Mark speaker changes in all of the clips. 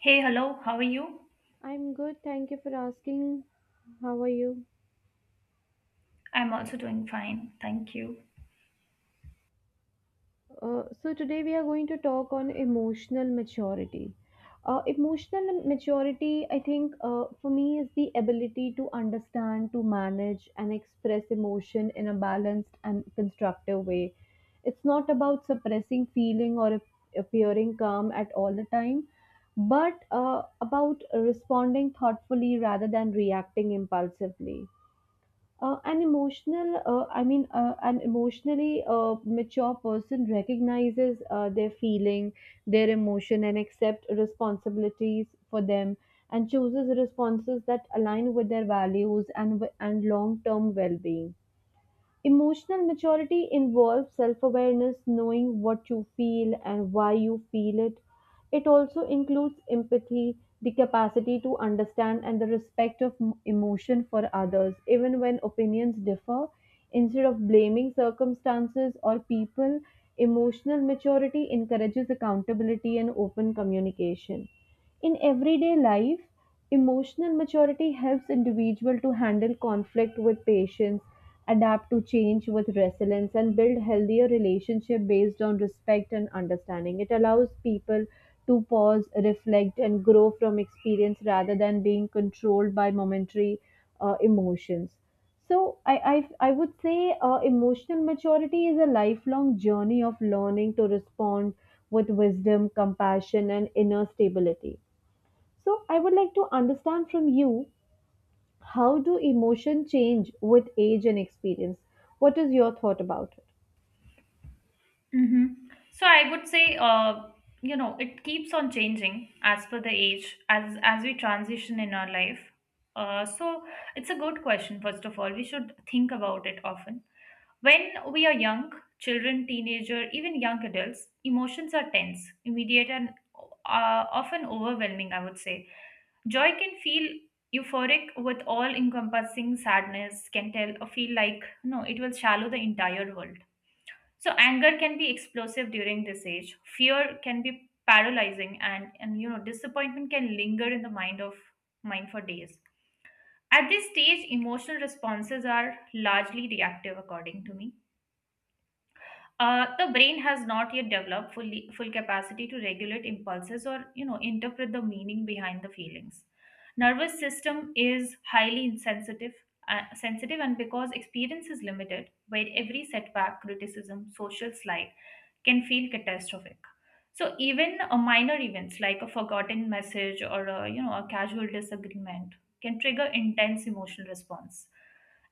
Speaker 1: Hey, hello, how are you?
Speaker 2: I'm good, thank you for asking. How are you?
Speaker 1: I'm also doing fine, thank you.
Speaker 2: So today we are going to talk on emotional maturity. Emotional maturity, I think, for me is the ability to understand, to manage, and express emotion in a balanced and constructive way. It's not about suppressing feeling or appearing calm at all the time, but about responding thoughtfully rather than reacting impulsively. An emotionally mature person recognizes their feeling, their emotion, and accept responsibilities for them, and chooses responses that align with their values and long-term well-being. Emotional maturity involves self awareness, knowing what you feel and why you feel it. It also includes empathy, the capacity to understand, and the respect of emotion for others, even when opinions differ. Instead of blaming circumstances or people, emotional maturity encourages accountability and open communication. In everyday life, emotional maturity helps individual to handle conflict with patience, adapt to change with resilience and build healthier relationship based on respect and understanding. It allows people to pause, reflect and grow from experience rather than being controlled by momentary emotions. So I would say emotional maturity is a lifelong journey of learning to respond with wisdom, compassion and inner stability. So I would like to understand from you, how do emotion change with age and experience? What is your thought about it?
Speaker 1: Mm-hmm. So I would say, you know, it keeps on changing as per the age, as we transition in our life. So it's a good question. First of all, we should think about it often. When we are young, children, teenager, even young adults, emotions are tense, immediate, and often overwhelming. I would say joy can feel euphoric with all encompassing sadness can tell or feel like no it will shallow the entire world so anger can be explosive during this age. Fear can be paralyzing, and you know disappointment can linger in the mind of mind for days. At this stage, emotional responses are largely reactive, according to me. The brain has not yet developed fully, full capacity to regulate impulses or you know interpret the meaning behind the feelings. Nervous system is highly insensitive, sensitive, and because experience is limited, where every setback, criticism, social slight can feel catastrophic. So even a minor events like a forgotten message or a, you know a casual disagreement can trigger intense emotional response.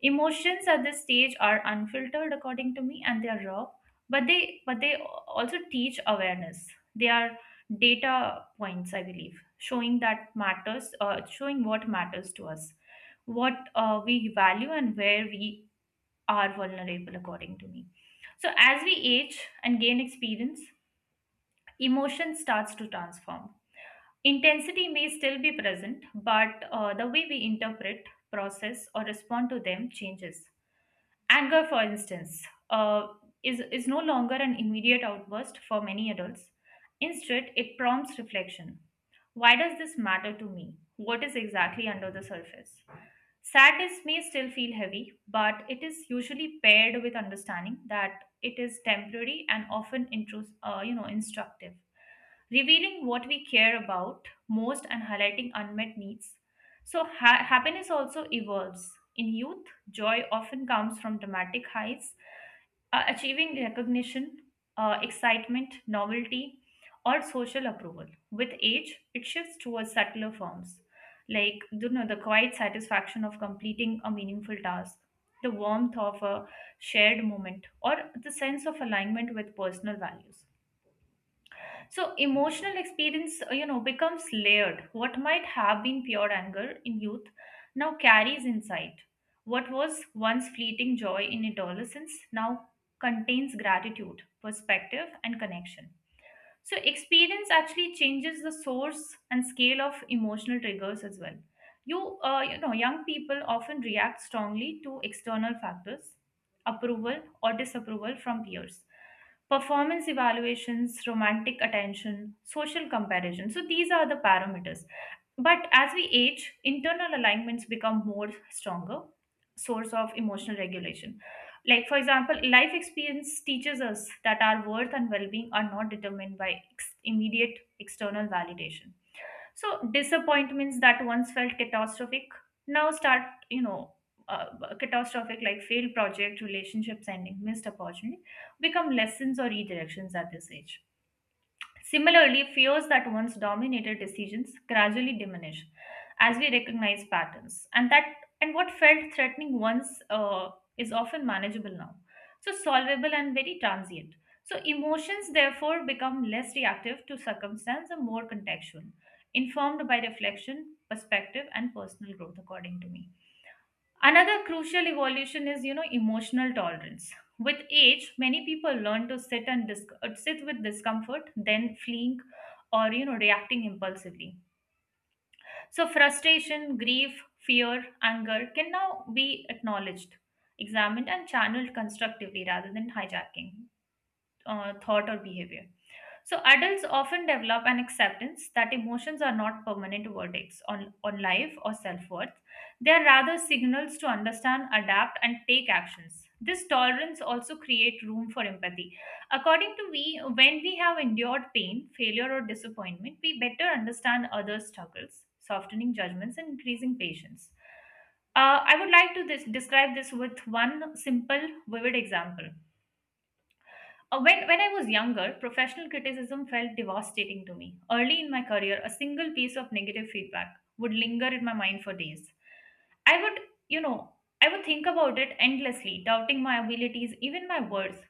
Speaker 1: Emotions at this stage are unfiltered, according to me, and they are raw but they also teach awareness, they are data points, I believe, showing that matters, showing what matters to us, what we value and where we are vulnerable, according to me. So as we age and gain experience, emotion starts to transform, intensity may still be present, but the way we interpret, process or respond to them changes. Anger, for instance, uh, is no longer an immediate outburst for many adults. Instead, it prompts reflection. Why does this matter to me? What is exactly under the surface? Sadness may still feel heavy, but it is usually paired with understanding that it is temporary and often you know, instructive, revealing what we care about most and highlighting unmet needs. So, happiness also evolves. In youth, joy often comes from dramatic highs, achieving recognition, excitement, novelty, or social approval. With age, it shifts towards subtler forms, like you know, the quiet satisfaction of completing a meaningful task, the warmth of a shared moment, or the sense of alignment with personal values. So emotional experience, you know, becomes layered. What might have been pure anger in youth now carries insight. What was once fleeting joy in adolescence now contains gratitude, perspective, and connection. So, experience actually changes the source and scale of emotional triggers as well. You know, young people often react strongly to external factors, approval or disapproval from peers, performance evaluations, romantic attention, social comparison. So, these are the parameters. But as we age, internal alignments become more stronger source of emotional regulation. Like for example, life experience teaches us that our worth and well-being are not determined by immediate external validation. So disappointments that once felt catastrophic now start, you know, uh, catastrophic like failed project, relationships ending, missed opportunity become lessons or redirections at this age. Similarly, fears that once dominated decisions gradually diminish as we recognize patterns, and that and what felt threatening once is often manageable now, so solvable and very transient. So emotions therefore become less reactive to circumstance and more contextual, informed by reflection, perspective, and personal growth, according to me. Another crucial evolution is, you know, emotional tolerance. With age, many people learn to sit with discomfort, then fleeing or you know reacting impulsively. So frustration, grief, fear, anger can now be acknowledged, examined, and channeled constructively rather than hijacking thought or behavior. So adults often develop an acceptance that emotions are not permanent verdicts on life or self-worth. They are rather signals to understand, adapt, and take actions. This tolerance also creates room for empathy. According to me, when we have endured pain, failure, or disappointment, we better understand others' struggles, softening judgments, and increasing patience. I would like to this, describe this with one simple, vivid example. When I was younger, professional criticism felt devastating to me. Early in my career, a single piece of negative feedback would linger in my mind for days. I would, you know, I would think about it endlessly, doubting my abilities, even my worth.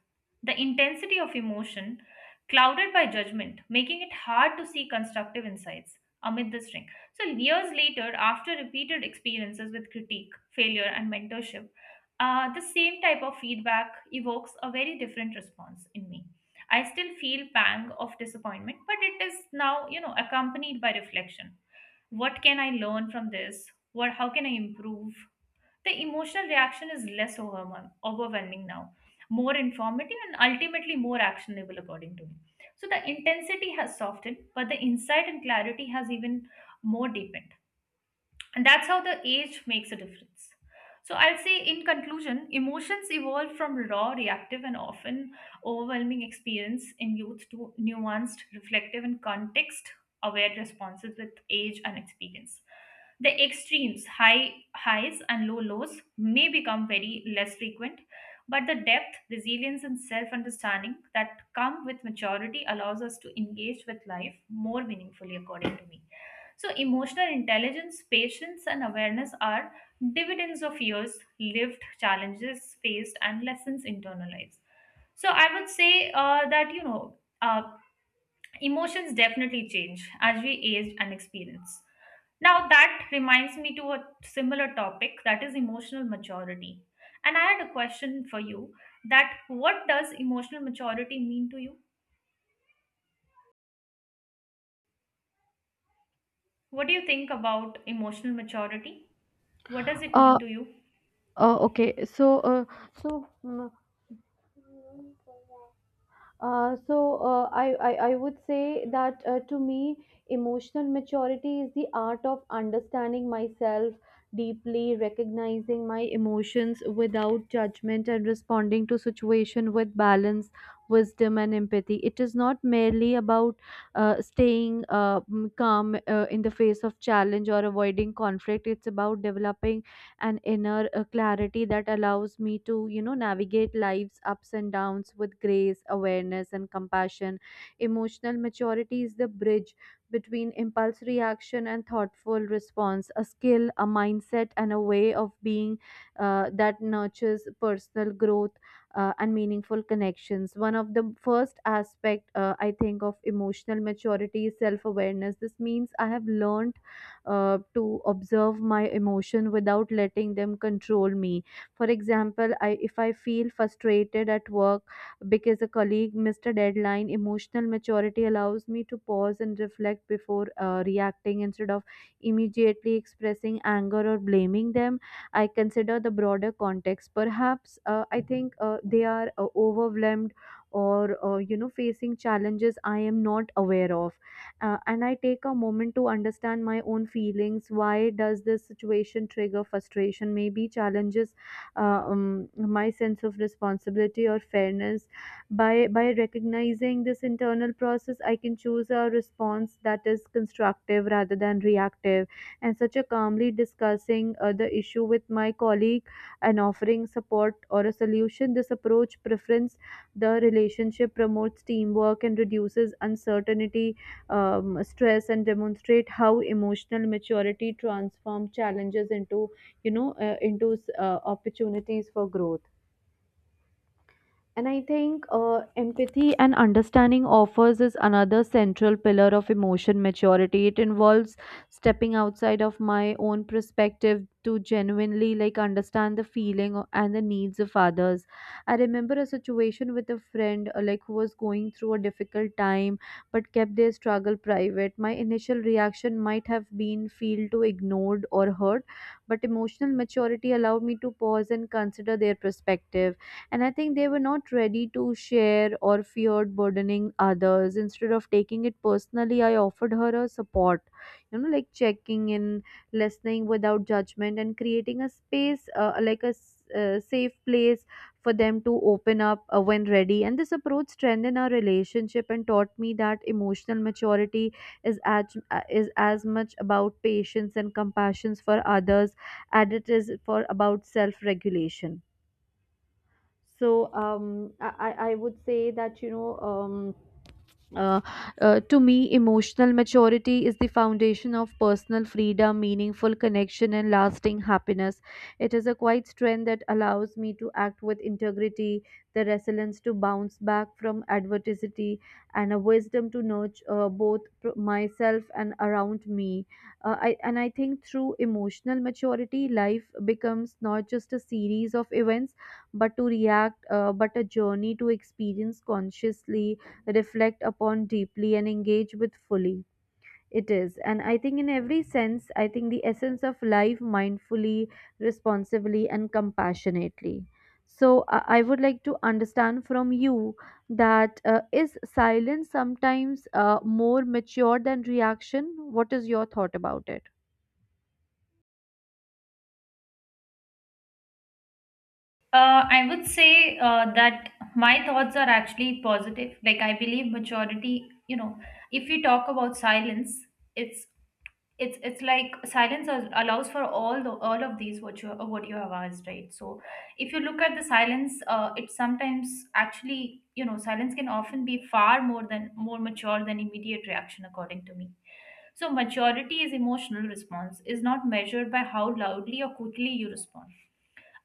Speaker 1: The intensity of emotion, clouded by judgment, making it hard to see constructive insights amid the string. So, years later, after repeated experiences with critique, failure, and mentorship, the same type of feedback evokes a very different response in me. I still feel pang of disappointment, but it is now, you know, accompanied by reflection. What can I learn from this? What how can I improve? The emotional reaction is less overwhelming now, more informative and ultimately more actionable, according to me. So the intensity has softened, but the insight and clarity has even more deepened, and that's how the age makes a difference. So I'll say in conclusion, emotions evolve from raw, reactive, and often overwhelming experience in youth to nuanced, reflective, and context aware responses with age and experience. The extremes, high highs and low lows, may become very less frequent, but the depth, resilience, and self understanding that come with maturity allows us to engage with life more meaningfully, according to me. So, emotional intelligence, patience, and awareness are dividends of years lived, challenges faced, and lessons internalized. So, I would say emotions definitely change as we age and experience. Now, that reminds me to a similar topic that is emotional maturity. And I had a question for you that what does emotional maturity mean to you? What do you think about emotional maturity? What does it mean
Speaker 2: Uh,
Speaker 1: to you?
Speaker 2: okay. So, so. Mm, so I would say that, to me, emotional maturity is the art of understanding myself deeply, recognizing my emotions without judgment, and responding to situation with balance, wisdom, and empathy. It is not merely about staying calm in the face of challenge or avoiding conflict. It's about developing an inner clarity that allows me to, you know, navigate life's ups and downs with grace, awareness, and compassion. Emotional maturity is the bridge between impulse reaction and thoughtful response, a skill, a mindset, and a way of being that nurtures personal growth and meaningful connections. One of the first aspect, I think, of emotional maturity is self awareness. This means I have learned to observe my emotion without letting them control me. For example, I if I feel frustrated at work because a colleague missed a deadline, emotional maturity allows me to pause and reflect before reacting. Instead of immediately expressing anger or blaming them, I consider the broader context. Perhaps I think they are overwhelmed or, you know, facing challenges I am not aware of, and I take a moment to understand my own feelings. Why does this situation trigger frustration? Maybe challenges my sense of responsibility or fairness. By recognizing this internal process, I can choose a response that is constructive rather than reactive, and such a calmly discussing the issue with my colleague and offering support or a solution. This approach preference the relationship, promotes teamwork and reduces uncertainty, stress and demonstrate how emotional maturity transforms challenges into, into opportunities for growth. And I think, empathy and understanding offers is another central pillar of emotion maturity. It involves stepping outside of my own perspective to genuinely like understand the feeling and the needs of others. I remember a situation with a friend, like, who was going through a difficult time but kept their struggle private. My initial reaction might have been feel to ignored or hurt, but emotional maturity allowed me to pause and consider their perspective, and I think they were not ready to share or feared burdening others. Instead of taking it personally, I offered her a support, you know, like checking in, listening without judgment and creating a space, like a safe place for them to open up when ready. And this approach strengthened our relationship and taught me that emotional maturity is as much about patience and compassion for others as it is for about self regulation. So, I would say that, you know, uh, to me, emotional maturity is the foundation of personal freedom, meaningful connection, and lasting happiness. It is a quiet strength that allows me to act with integrity, the resilience to bounce back from adversity, and a wisdom to nurture, both myself and around me. And I think through emotional maturity, life becomes not just a series of events, but to react, but a journey to experience consciously, reflect upon deeply and engage with fully. It is, and I think in every sense, I think the essence of life mindfully, responsibly and compassionately. So I would like to understand from you that, is silence sometimes more mature than reaction? What is your thought about it?
Speaker 1: I would say that my thoughts are actually positive. Like I believe majority, you know, if we talk about silence, it's it's like silence allows for all of these what you have asked, right? So if you look at the silence, it sometimes actually you know silence can often be far more than more mature than immediate reaction, according to me. So maturity is emotional response is not measured by how loudly or quickly you respond,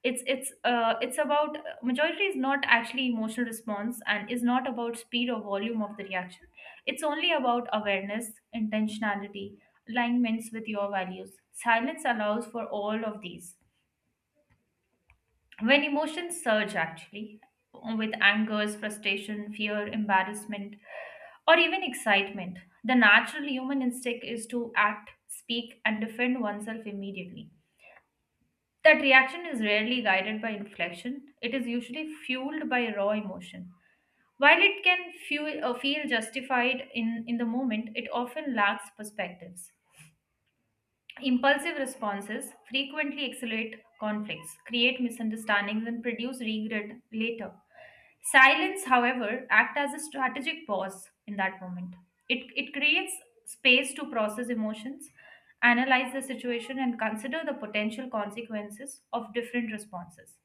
Speaker 1: it's about majority is not actually emotional response and is not about speed or volume of the reaction, it's only about awareness, intentionality, alignments with your values. Silence allows for all of these. When emotions surge actually, with angers, frustration, fear, embarrassment, or even excitement, the natural human instinct is to act, speak and defend oneself immediately. That reaction is rarely guided by inflection, it is usually fueled by raw emotion. While it can feel, feel justified in the moment, it often lacks perspectives. Impulsive responses frequently accelerate conflicts, create misunderstandings, and produce regret later. Silence, however, acts as a strategic pause in that moment. It creates space to process emotions, analyze the situation, and consider the potential consequences of different responses.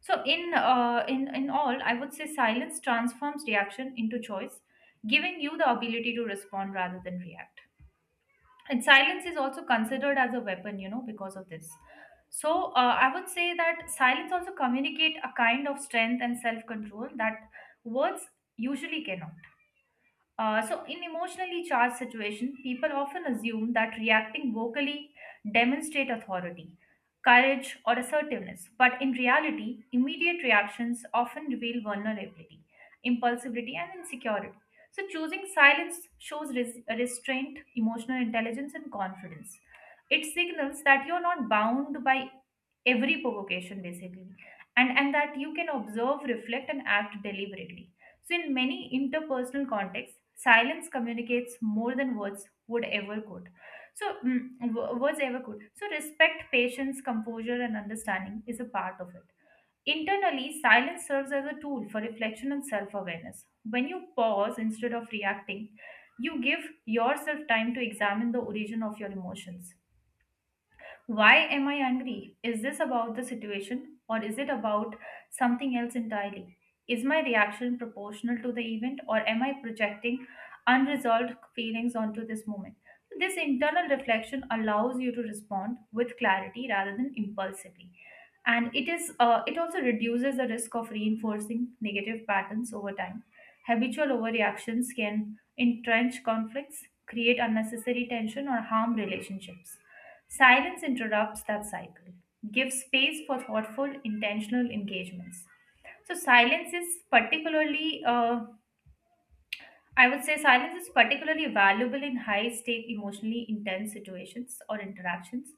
Speaker 1: So, in all, I would say silence transforms reaction into choice, giving you the ability to respond rather than react. And silence is also considered as a weapon, you know, because of this. So I would say that silence also communicate a kind of strength and self control that words usually cannot. So, in emotionally charged situations, people often assume that reacting vocally demonstrate authority, courage, or assertiveness. But in reality, immediate reactions often reveal vulnerability, impulsivity, and insecurity. So, choosing silence shows restraint, emotional intelligence, and confidence. It signals that you're not bound by every provocation, basically, and that you can observe, reflect, and act deliberately. So, in many interpersonal contexts, silence communicates more than words would ever could. So, words ever could. So, respect, patience, composure, and understanding is a part of it. Internally, silence serves as a tool for reflection and self awareness. When you pause instead of reacting, you give yourself time to examine the origin of your emotions. Why am I angry? Is this about the situation or is it about something else entirely? Is my reaction proportional to the event or am I projecting unresolved feelings onto this moment? This internal reflection allows you to respond with clarity rather than impulsively. And it is it also reduces the risk of reinforcing negative patterns over time. Habitual overreactions can entrench conflicts, create unnecessary tension or harm relationships. Silence interrupts that cycle, gives space for thoughtful, intentional engagements. So, silence is particularly I would say silence is particularly valuable in high stake, emotionally intense situations or interactions.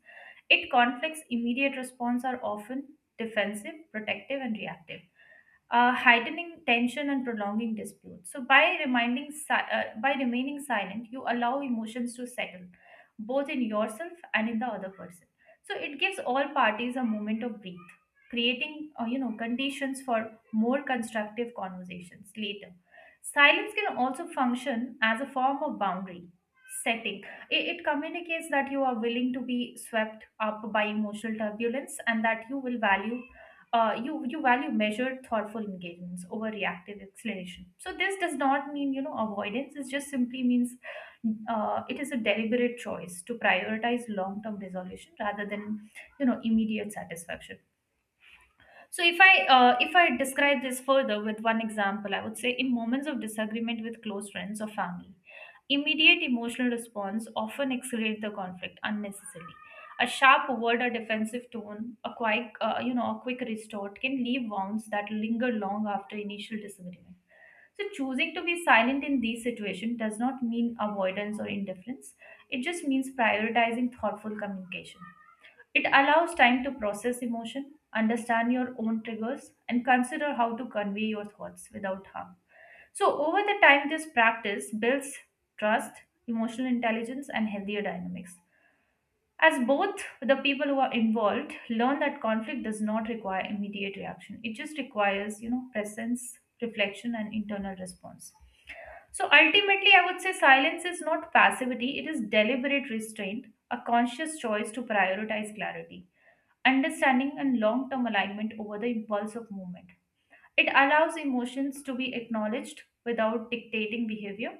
Speaker 1: It conflicts immediate response are often defensive, protective, and reactive, heightening tension and prolonging disputes. So, by remaining silent, you allow emotions to settle, both in yourself and in the other person. So, it gives all parties a moment of breath, creating conditions for more constructive conversations later. Silence can also function as a form of boundary setting. It communicates that you are willing to be swept up by emotional turbulence and that you will value. You value measured thoughtful engagements over reactive explanation, so this does not mean avoidance it just simply means it is a deliberate choice to prioritize long term resolution rather than immediate satisfaction. So if I describe this further with one example, I would say in moments of disagreement with close friends or family, immediate emotional response often escalate the conflict unnecessarily. A sharp word, a defensive tone, a quick a quick retort can leave wounds that linger long after initial disagreement. So choosing to be silent in these situations does not mean avoidance or indifference. It just means prioritizing thoughtful communication. It allows time to process emotion, understand your own triggers, and consider how to convey your thoughts without harm. So, over the time, this practice builds trust, emotional intelligence, and healthier dynamics, as both the people who are involved learn that conflict does not require immediate reaction, it just requires, you know, presence, reflection, and internal response. So, ultimately, I would say silence is not passivity, it is deliberate restraint, a conscious choice to prioritize clarity, understanding, and long term alignment over the impulse of movement. It allows emotions to be acknowledged without dictating behavior,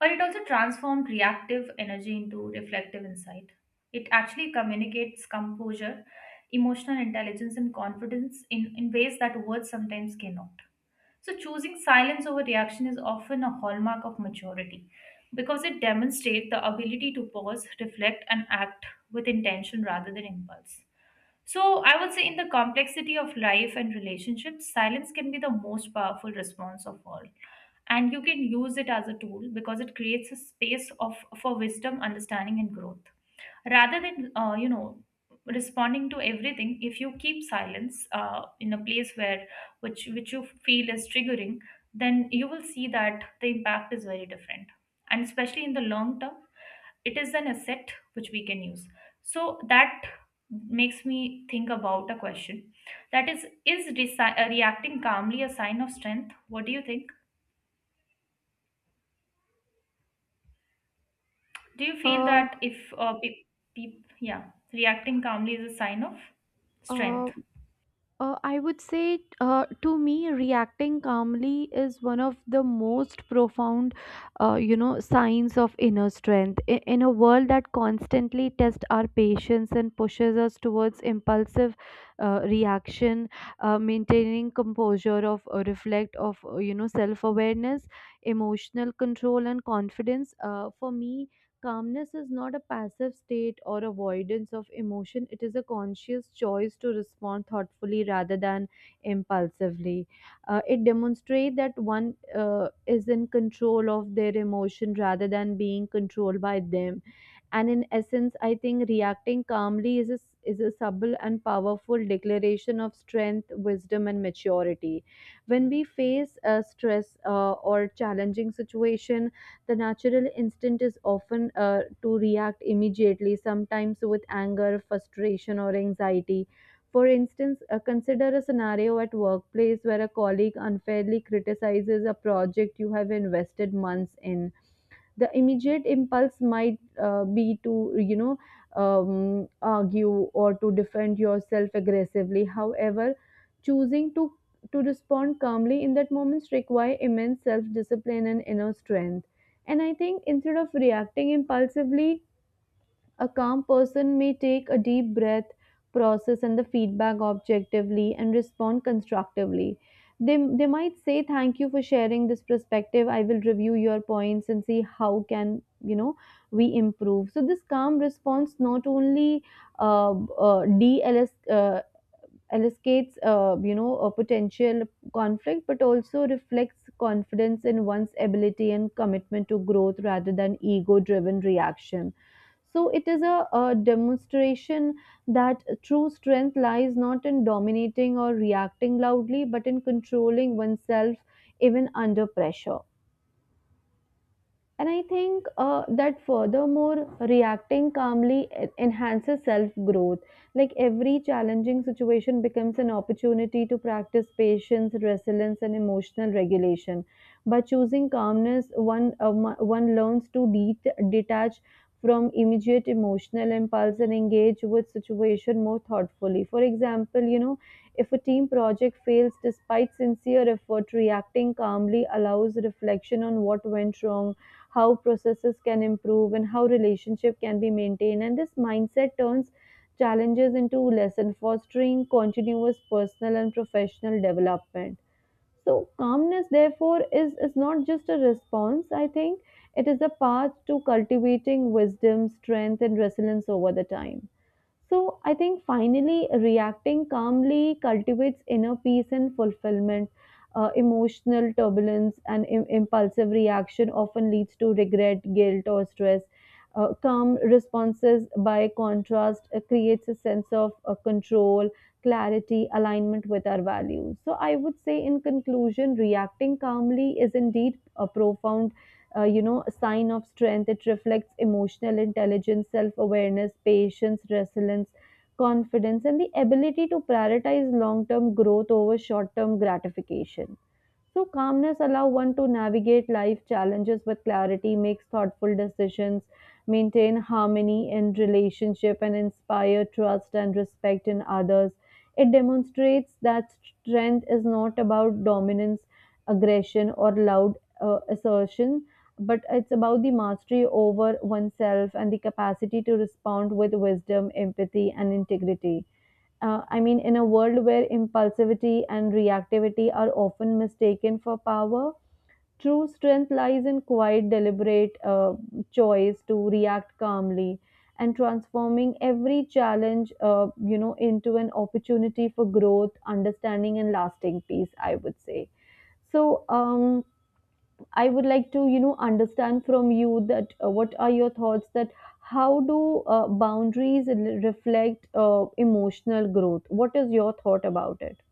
Speaker 1: or it also transforms reactive energy into reflective insight. It actually communicates composure, emotional intelligence, and confidence in ways that words sometimes cannot. So, choosing silence over reaction is often a hallmark of maturity because it demonstrates the ability to pause, reflect, and act with intention rather than impulse. So, I would say in the complexity of life and relationships, silence can be the most powerful response of all. And you can use it as a tool because it creates a space of, for wisdom, understanding, and growth. Rather than responding to everything, if you keep silence in a place where which you feel is triggering, then you will see that the impact is very different. And especially in the long term, it is an asset which we can use, so that makes me think about a question: that is reacting calmly a sign of strength? What do you think? Do you feel
Speaker 2: Uh,
Speaker 1: that if pe- pe- yeah, reacting calmly is a sign of
Speaker 2: uh,
Speaker 1: strength?
Speaker 2: I would say, to me, reacting calmly is one of the most profound, you know, signs of inner strength. I- in a world that constantly tests our patience and pushes us towards impulsive reaction, maintaining composure of reflect of, you know, self awareness, emotional control, and confidence. For me, calmness is not a passive state or avoidance of emotion. It is a conscious choice to respond thoughtfully rather than impulsively. It demonstrates that one is in control of their emotion rather than being controlled by them. And in essence, I think reacting calmly is is a subtle and powerful declaration of strength, wisdom, and maturity. When we face stress or challenging situation, the natural instinct is often to react immediately, sometimes with anger, frustration, or anxiety. For instance, consider a scenario at workplace where a colleague unfairly criticizes a project you have invested months in. The immediate impulse might be to, you know, argue or to defend yourself aggressively. However, choosing to respond calmly in that moments require immense self discipline and inner strength. And I think instead of reacting impulsively, a calm person may take a deep breath, process and the feedback objectively, and respond constructively. They might say thank you for sharing this perspective, I will review your points and see how can, you know, we improve. So this calm response not only de uh elucidates, you know, a potential conflict, but also reflects confidence in one's ability and commitment to growth rather than ego-driven reaction. So it is a demonstration that true strength lies not in dominating or reacting loudly, but in controlling oneself even under pressure. And I think, that furthermore, reacting calmly enhances self growth. Like every challenging situation becomes an opportunity to practice patience, resilience, and emotional regulation. By choosing calmness, one, one learns to detach from immediate emotional impulse and engage with situation more thoughtfully. For example, you know, if a team project fails despite sincere effort, reacting calmly allows reflection on what went wrong, how processes can improve and how relationship can be maintained. And this mindset turns challenges into lesson, fostering continuous personal and professional development. So calmness therefore is not just a response. I think it is a path to cultivating wisdom, strength and resilience over the time. So I think finally reacting calmly cultivates inner peace and fulfillment. Emotional turbulence and impulsive reaction often leads to regret, guilt, or stress. Calm responses, by contrast, creates a sense of, control, clarity, alignment with our values. So I would say, in conclusion, reacting calmly is indeed a profound, you know, a sign of strength. It reflects emotional intelligence, self-awareness, patience, resilience, confidence and the ability to prioritize long-term growth over short-term gratification. So, calmness allows one to navigate life challenges with clarity, makes thoughtful decisions, maintain harmony in relationship, and inspire trust and respect in others. It demonstrates that strength is not about dominance, aggression, or loud assertion, but it's about the mastery over oneself and the capacity to respond with wisdom, empathy, and integrity. In a world where impulsivity and reactivity are often mistaken for power, true strength lies in quiet, deliberate choice to react calmly and transforming every challenge, you know, into an opportunity for growth, understanding, and lasting peace, I would say. So I would like to, you know, understand from you that, what are your thoughts that how do, boundaries reflect emotional growth? What is your thought about it?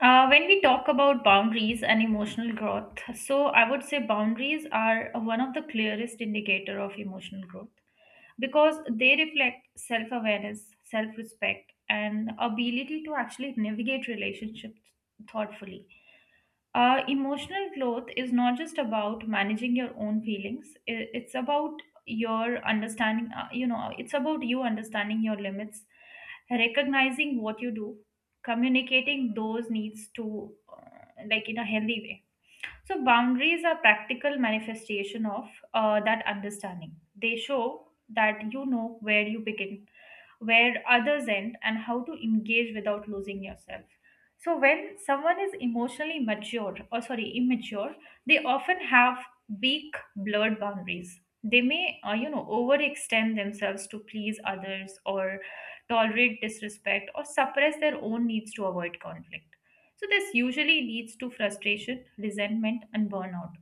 Speaker 1: When we talk about boundaries and emotional growth, so I would say boundaries are one of the clearest indicator of emotional growth, because they reflect self awareness, self respect, and ability to actually navigate relationships thoughtfully. Emotional growth is not just about managing your own feelings, it's about your understanding, it's about you understanding your limits, recognizing what you do, communicating those needs to, uh, like, in a healthy way. So boundaries are practical manifestation of that understanding. They show that you know where you begin, where others end, and how to engage without losing yourself. So when someone is emotionally mature, or sorry, immature, they often have weak, blurred boundaries. They may, overextend themselves to please others, or tolerate disrespect, or suppress their own needs to avoid conflict. So, this usually leads to frustration, resentment, and burnout.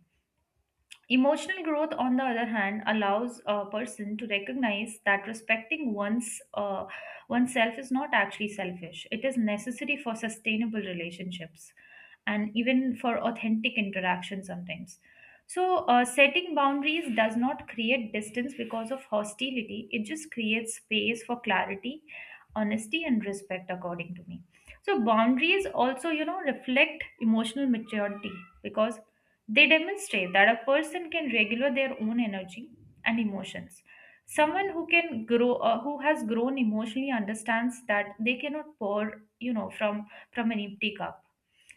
Speaker 1: Emotional growth, on the other hand, allows a person to recognize that respecting one's oneself is not actually selfish. It is necessary for sustainable relationships, and even for authentic interaction sometimes. So, setting boundaries does not create distance because of hostility. It just creates space for clarity, honesty, and respect, according to me. So, boundaries also, you know, reflect emotional maturity, because they demonstrate that a person can regulate their own energy and emotions. Someone who can grow, who has grown emotionally, understands that they cannot pour, you know, from an empty cup.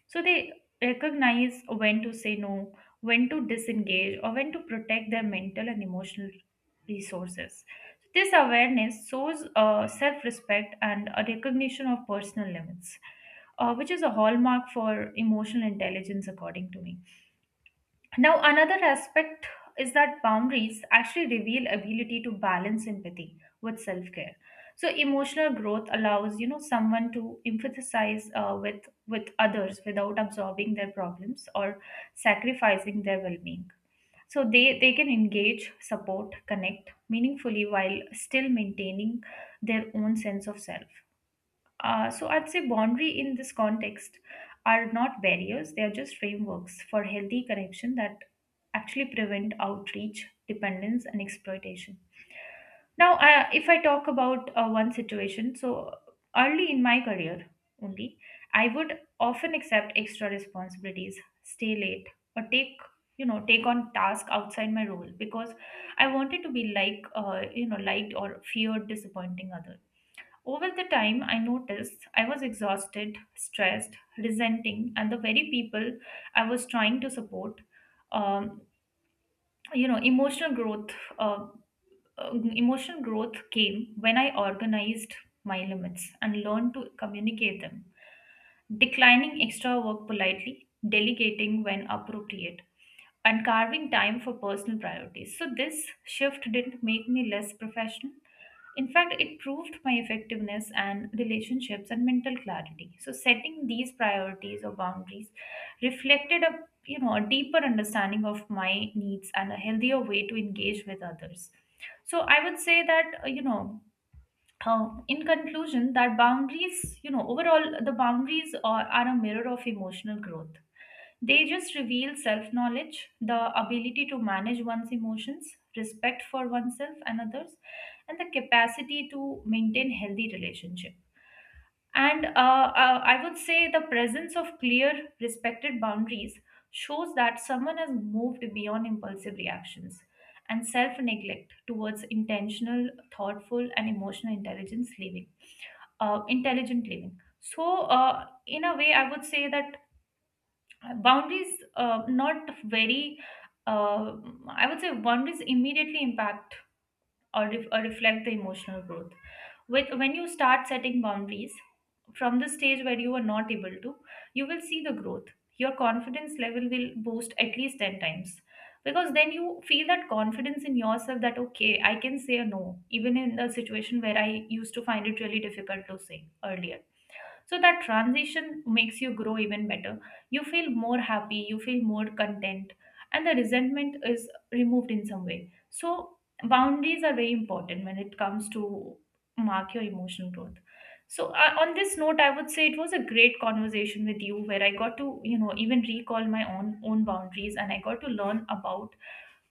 Speaker 1: So they recognize when to say no, when to disengage, or when to protect their mental and emotional resources. This awareness shows self-respect and a recognition of personal limits, which is a hallmark for emotional intelligence, according to me. Now, another aspect is that boundaries actually reveal ability to balance empathy with self-care. So, emotional growth allows, you know, someone to emphasize with others without absorbing their problems or sacrificing their well-being. So they can engage, support, connect meaningfully while still maintaining their own sense of self. So I'd say boundary in this context are not barriers, they are just frameworks for healthy connection that actually prevent outreach, dependence, and exploitation. Now, if I talk about one situation, so early in my career only, I would often accept extra responsibilities, stay late, or take, take on task outside my role because I wanted to be like, liked or feared disappointing others. Over the time, I noticed I was exhausted, stressed, resenting, and the very people I was trying to support. Um, you know, emotional growth. Uh, emotional growth came when I organized my limits and learned to communicate them, declining extra work politely, delegating when appropriate, and carving time for personal priorities. So, this shift didn't make me less professional. In fact, it proved my effectiveness and relationships and mental clarity. So, setting these priorities or boundaries reflected a a deeper understanding of my needs and a healthier way to engage with others. So, I would say that in conclusion, that boundaries, you know, overall, the boundaries are a mirror of emotional growth. They just reveal self knowledge, the ability to manage one's emotions, respect for oneself and others, and the capacity to maintain healthy relationships. And I would say the presence of clear, respected boundaries shows that someone has moved beyond impulsive reactions and self neglect towards intentional, thoughtful, and emotional intelligence living, intelligent living. So, in a way, I would say that boundaries, not very, uh, I would say boundaries immediately impact or, reflect the emotional growth with. When you start setting boundaries from the stage where you are not able to, you will see the growth. Your confidence level will boost at least 10 times, because then you feel that confidence in yourself that okay, I can say a no, even in the situation where I used to find it really difficult to say earlier. So that transition makes you grow even better. You feel more happy, you feel more content, and the resentment is removed in some way. So boundaries are very important when it comes to mark your emotional growth. So on this note, I would say it was a great conversation with you where I got to, you know, even recall my own boundaries, and I got to learn about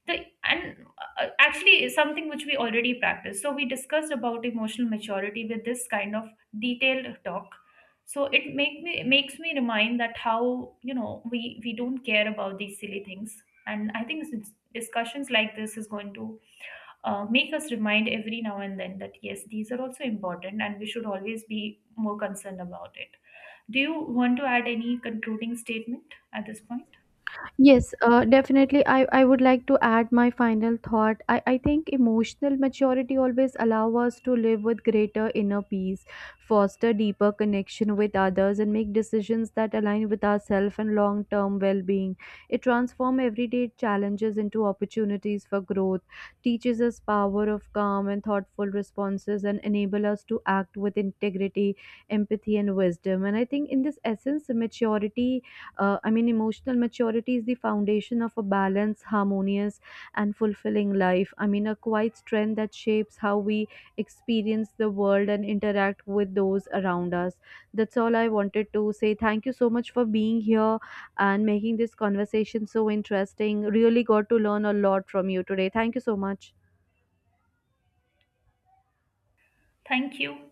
Speaker 1: the, and actually is something which we already practice. So we discussed about emotional maturity with this kind of detailed talk. So it makes me remind that how, you know, we don't care about these silly things, and I think discussions like this is going to make us remind every now and then that yes, these are also important and we should always be more concerned about it. Do you want to add any concluding statement at this point?
Speaker 2: Yes, definitely. I would like to add my final thought. I think emotional maturity always allow us to live with greater inner peace, foster deeper connection with others, and make decisions that align with ourselves and long term well being. It transforms everyday challenges into opportunities for growth, teaches us power of calm and thoughtful responses, and enable us to act with integrity, empathy, and wisdom. And I think in this essence, maturity, emotional maturity is the foundation of a balanced, harmonious, and fulfilling life. I mean, a quiet strength that shapes how we experience the world and interact with those around us. That's all I wanted to say. Thank you so much for being here and making this conversation so interesting. Really got to learn a lot from you today. Thank you so much.
Speaker 1: Thank you.